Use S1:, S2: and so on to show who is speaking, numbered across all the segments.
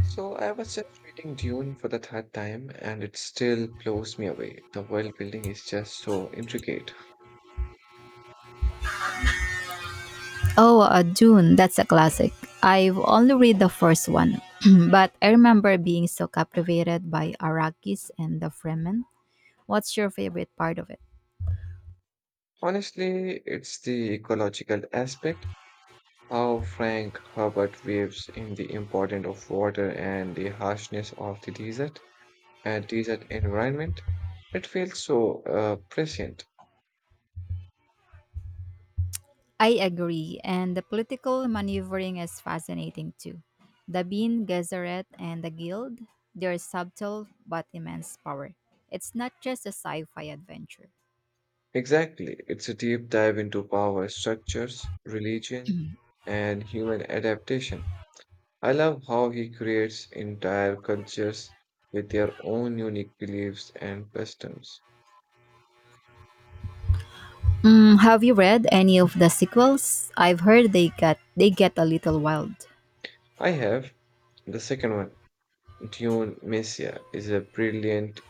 S1: So I was just reading Dune for the third time and it still blows me away. The world building is just so intricate.
S2: Oh, Dune, that's a classic. I've only read the first one, but I remember being so captivated by Arrakis and the Fremen. What's your favorite part of it?
S1: Honestly, it's the ecological aspect, how Frank Herbert weaves in the importance of water and the harshness of the desert and desert environment. It feels so prescient.
S2: I agree, and the political maneuvering is fascinating too. The Bean Gesserit and the Guild, their subtle but immense power. It's not just a sci-fi adventure.
S1: Exactly, it's a deep dive into power structures, religion, and human adaptation. I love how he creates entire cultures with their own unique beliefs and customs.
S2: Mm, have you read any of the sequels? I've heard they get a little wild.
S1: I have the second one, Dune Messiah, is a brilliant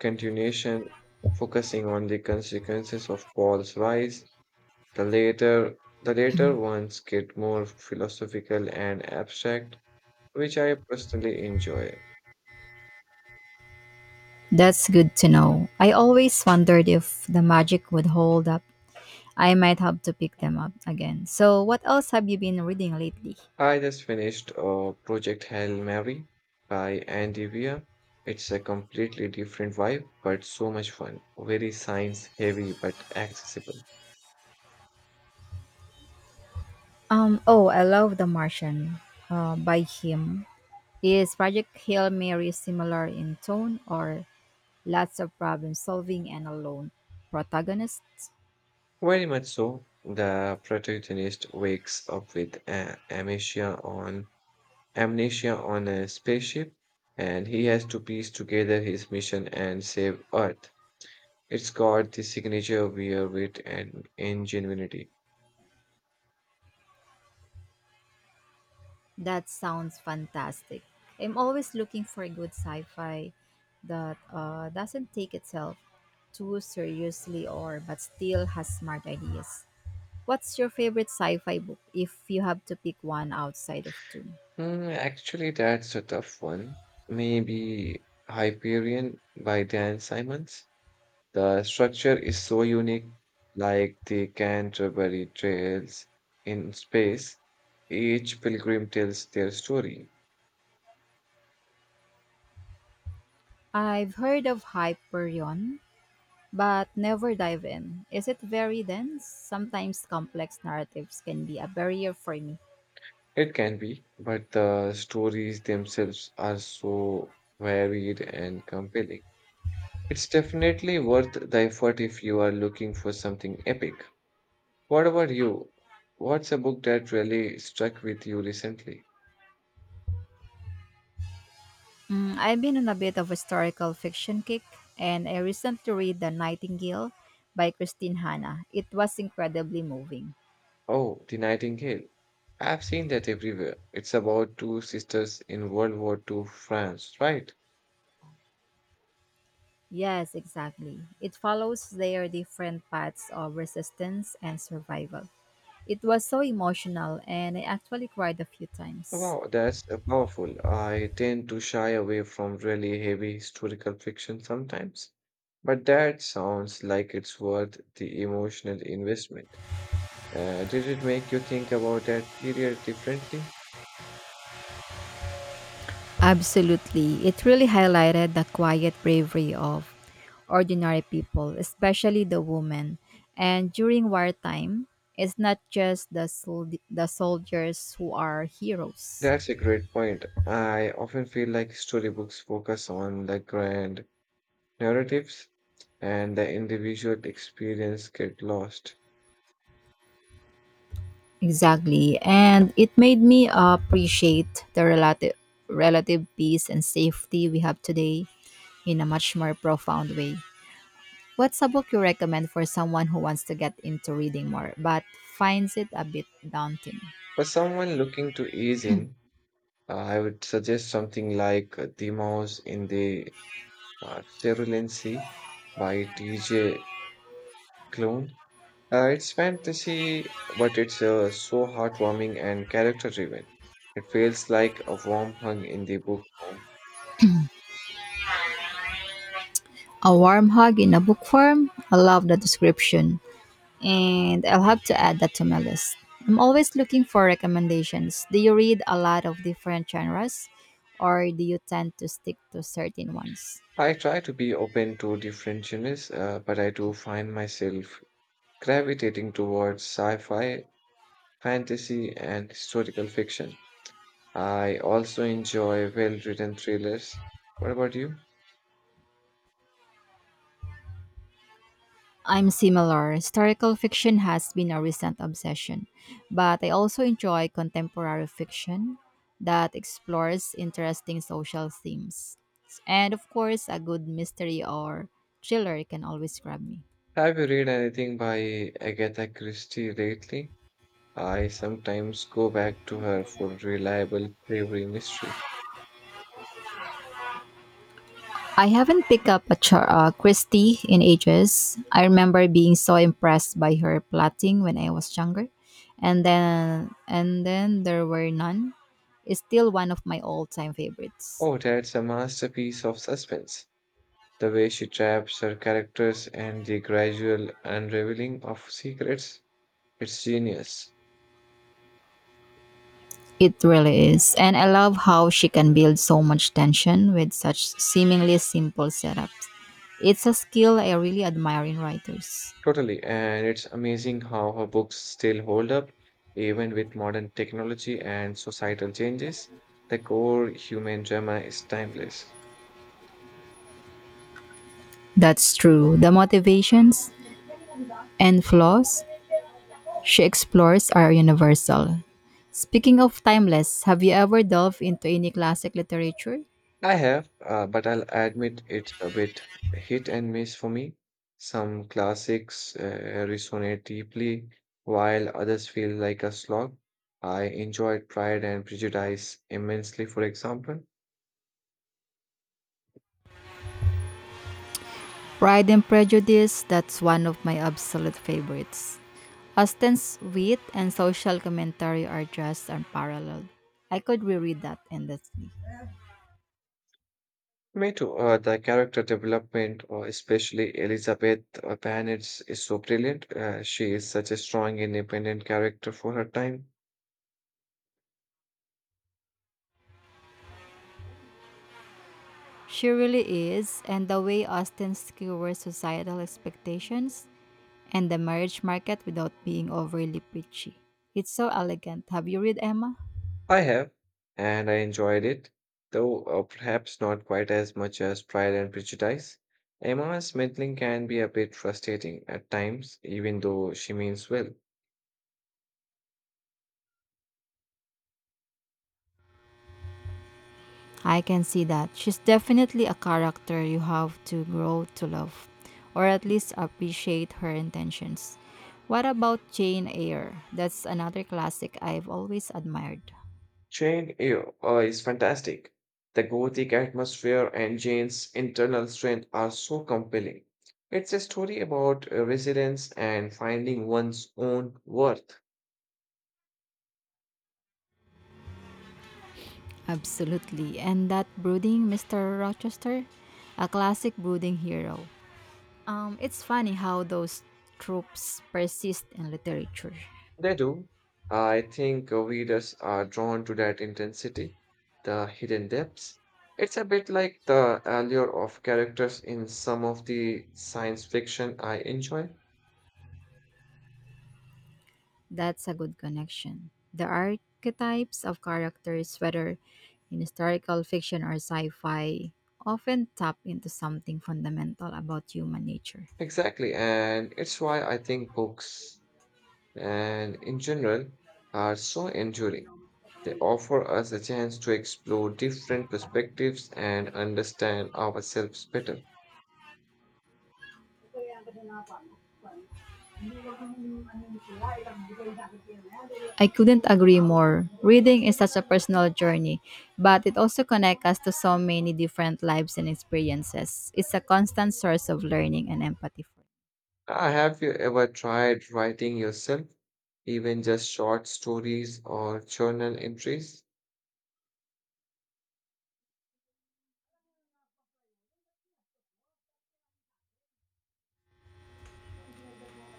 S1: continuation focusing on the consequences of Paul's rise. The later ones get more philosophical and abstract, which I personally enjoy.
S2: That's good to know. I always wondered if the magic would hold up. I might have to pick them up again. So, what else have you been reading lately?
S1: I just finished Project Hail Mary by Andy Weir. It's a completely different vibe, but so much fun. Very science heavy, but accessible.
S2: Oh, I love The Martian by him. Is Project Hail Mary similar in tone or lots of problem solving and a lone protagonist?
S1: Very much so. The protagonist wakes up with amnesia on a spaceship, and he has to piece together his mission and save Earth. It's got the signature Weir wit and ingenuity.
S2: That sounds fantastic. I'm always looking for a good sci-fi that doesn't take itself too seriously or but still has smart ideas. What's your favorite sci-fi book if you have to pick one outside of two?
S1: Hmm. Actually, that's a tough one. Maybe Hyperion by Dan Simons. The structure is so unique, like the Canterbury Trails in space. Each pilgrim tells their story.
S2: I've heard of Hyperion, but never dive in. Is it very dense? Sometimes complex narratives can be a barrier for me.
S1: It can be, but the stories themselves are so varied and compelling. It's definitely worth the effort if you are looking for something epic. What about you? What's a book that really struck with you recently?
S2: Mm, I've been on a bit of a historical fiction kick, and I recently read The Nightingale by Christine Hanna. It was incredibly moving.
S1: Oh, The Nightingale. I've seen that everywhere. It's about two sisters in World War Two France, right?
S2: Yes, exactly. It follows their different paths of resistance and survival. It was so emotional, and I actually cried a few times.
S1: Wow, that's powerful. I tend to shy away from really heavy historical fiction sometimes, but that sounds like it's worth the emotional investment. Did it make you think about that period differently?
S2: Absolutely. It really highlighted the quiet bravery of ordinary people, especially the women. And during wartime, it's not just the soldiers who are heroes.
S1: That's a great point. I often feel like storybooks focus on the grand narratives and the individual experience get lost.
S2: Exactly. And it made me appreciate the relative peace and safety we have today in a much more profound way. What's a book you recommend for someone who wants to get into reading more but finds it a bit daunting?
S1: For someone looking to ease in, I would suggest something like The Mouse in the Cerulean Sea by T.J. Klune. It's fantasy, but it's so heartwarming and character driven. It feels like a warm hug in the book form.
S2: A warm hug in a book form? I love the description. And I'll have to add that to my list. I'm always looking for recommendations. Do you read a lot of different genres or do you tend to stick to certain ones?
S1: I try to be open to different genres, but I do find myself gravitating towards sci-fi, fantasy, and historical fiction. I also enjoy well-written thrillers. What about you?
S2: I'm similar. Historical fiction has been a recent obsession, but I also enjoy contemporary fiction that explores interesting social themes. And of course, a good mystery or thriller can always grab me.
S1: Have you read anything by Agatha Christie lately? I sometimes go back to her for reliable, bravery mystery.
S2: I haven't picked up a Christie in ages. I remember being so impressed by her plotting when I was younger, and then there were none. It's still one of my all-time favorites.
S1: Oh, that's a masterpiece of suspense. The way she traps her characters and the gradual unraveling of secrets. It's genius.
S2: It really is, and I love how she can build so much tension with such seemingly simple setups. It's a skill I really admire in writers.
S1: Totally. And it's amazing how her books still hold up, even with modern technology and societal changes. The core human drama is timeless.
S2: That's true. The motivations and flaws she explores are universal. Speaking of timeless, have you ever delved into any classic literature?
S1: I have, but I'll admit it's a bit hit and miss for me. Some classics resonate deeply, while others feel like a slog. I enjoyed Pride and Prejudice immensely, for example,
S2: Pride and Prejudice, that's one of my absolute favorites. Austen's wit and social commentary are just unparalleled. I could reread that endlessly.
S1: Me too. The character development, especially Elizabeth Bennet's, is so brilliant. She is such a strong, independent character for her time.
S2: She really is, and the way Austen skewers societal expectations and the marriage market without being overly preachy. It's so elegant. Have you read Emma?
S1: I have, and I enjoyed it, though perhaps not quite as much as Pride and Prejudice. Emma Smithling can be a bit frustrating at times, even though she means well.
S2: I can see that. She's definitely a character you have to grow to love, or at least appreciate her intentions. What about Jane Eyre? That's another classic I've always admired.
S1: Jane Eyre is fantastic. The gothic atmosphere and Jane's internal strength are so compelling. It's a story about resilience and finding one's own worth.
S2: Absolutely. And that brooding Mr. Rochester? A classic brooding hero. It's funny how those tropes persist in literature.
S1: They do. I think readers are drawn to that intensity, the hidden depths. It's a bit like the allure of characters in some of the science fiction I enjoy.
S2: That's a good connection. The archetypes of characters, whether in historical fiction or sci fi, often tap into something fundamental about human nature.
S1: Exactly, and it's why I think books. And in general are so enduring. They offer us a chance to explore different perspectives and understand ourselves better.
S2: I couldn't agree more. Reading is such a personal journey, but it also connects us to so many different lives and experiences. It's a constant source of learning and empathy.
S1: Have you ever tried writing yourself, even just short stories or journal entries?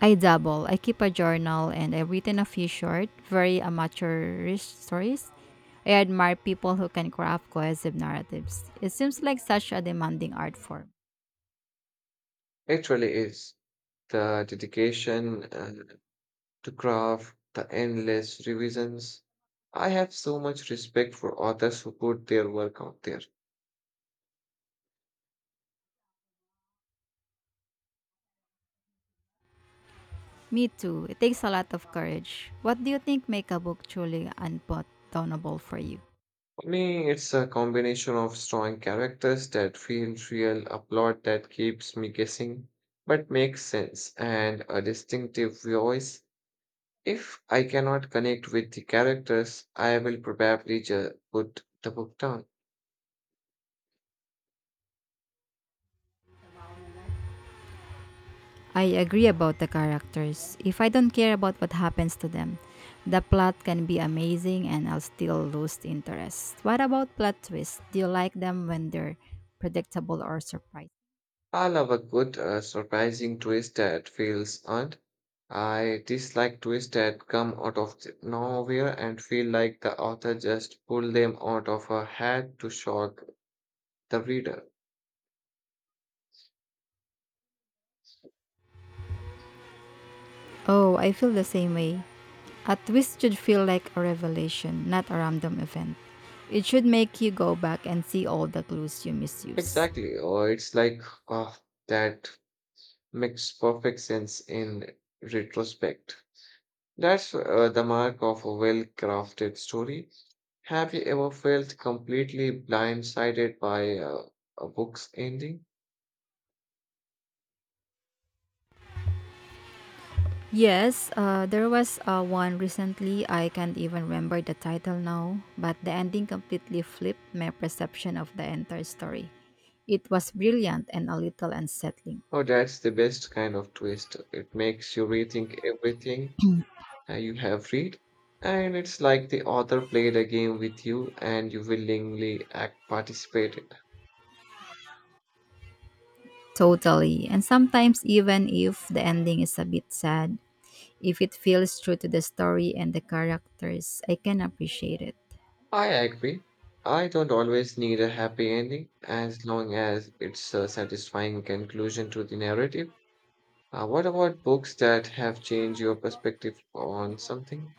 S2: I dabble. I keep a journal and I've written a few short, very amateurish stories. I admire people who can craft cohesive narratives. It seems like such a demanding art form.
S1: It really is the dedication to craft, the endless revisions. I have so much respect for authors who put their work out there.
S2: Me too. It takes a lot of courage. What do you think make a book truly unpardonable for you?
S1: For me, it's a combination of strong characters that feel real, a plot that keeps me guessing but makes sense, and a distinctive voice. If I cannot connect with the characters, I will probably just put the book down.
S2: I agree about the characters. If I don't care about what happens to them, the plot can be amazing and I'll still lose interest. What about plot twists? Do you like them when they're predictable or surprising?
S1: I love a good, surprising twist that feels earned. I dislike twists that come out of the nowhere and feel like the author just pulled them out of a hat to shock the reader.
S2: Oh, I feel the same way. A twist should feel like a revelation, not a random event. It should make you go back and see all the clues you misuse.
S1: Exactly. Or it's like, ah, that makes perfect sense in retrospect. That's the mark of a well-crafted story. Have you ever felt completely blindsided by a book's ending?
S2: Yes, there was one recently. I can't even remember the title now, but the ending completely flipped my perception of the entire story. It was brilliant and a little unsettling.
S1: Oh, that's the best kind of twist. It makes you rethink everything you have read, and it's like the author played a game with you and you willingly act participate
S2: Totally. And sometimes, even if the ending is a bit sad, if it feels true to the story and the characters, I can appreciate it.
S1: I agree. I don't always need a happy ending as long as it's a satisfying conclusion to the narrative. What about books that have changed your perspective on something?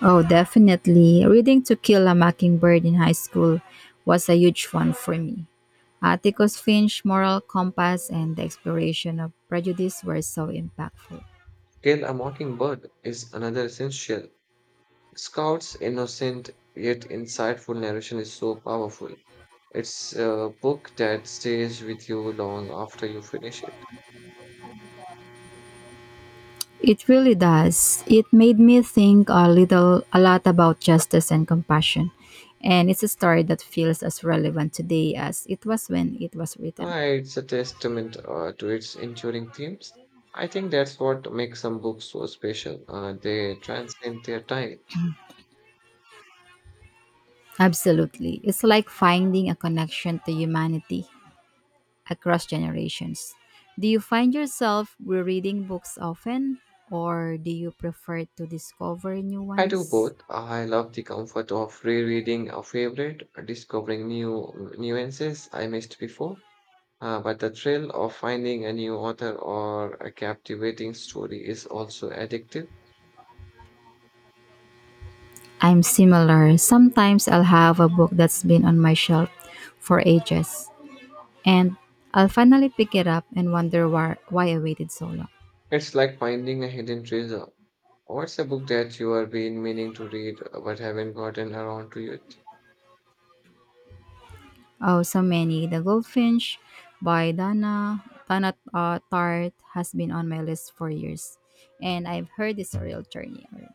S2: Oh, definitely. Reading To Kill a Mockingbird in high school was a huge one for me. Atticus Finch's moral compass and the exploration of prejudice were so impactful.
S1: Kill a Mockingbird is another essential. Scout's innocent yet insightful narration is so powerful. It's a book that stays with you long after you finish it.
S2: It really does. It made me think a little, a lot about justice and compassion. And it's a story that feels as relevant today as it was when it was written.
S1: It's a testament to its enduring themes. I think that's what makes some books so special. They transcend their time.
S2: Absolutely. It's like finding a connection to humanity across generations. Do you find yourself rereading books often, or do you prefer to discover new
S1: I do
S2: ones?
S1: both. I love the comfort of rereading a favorite, discovering new nuances I missed before. But the thrill of finding a new author or a captivating story is also addictive.
S2: I'm similar. Sometimes I'll have a book that's been on my shelf for ages, and I'll finally pick it up and wonder why I waited so long.
S1: It's like finding a hidden treasure. What's a book that you have been meaning to read but haven't gotten around to yet?
S2: Oh, so many. The Goldfinch by Dana Tart has been on my list for years, and I've heard it's a real journey. Alright,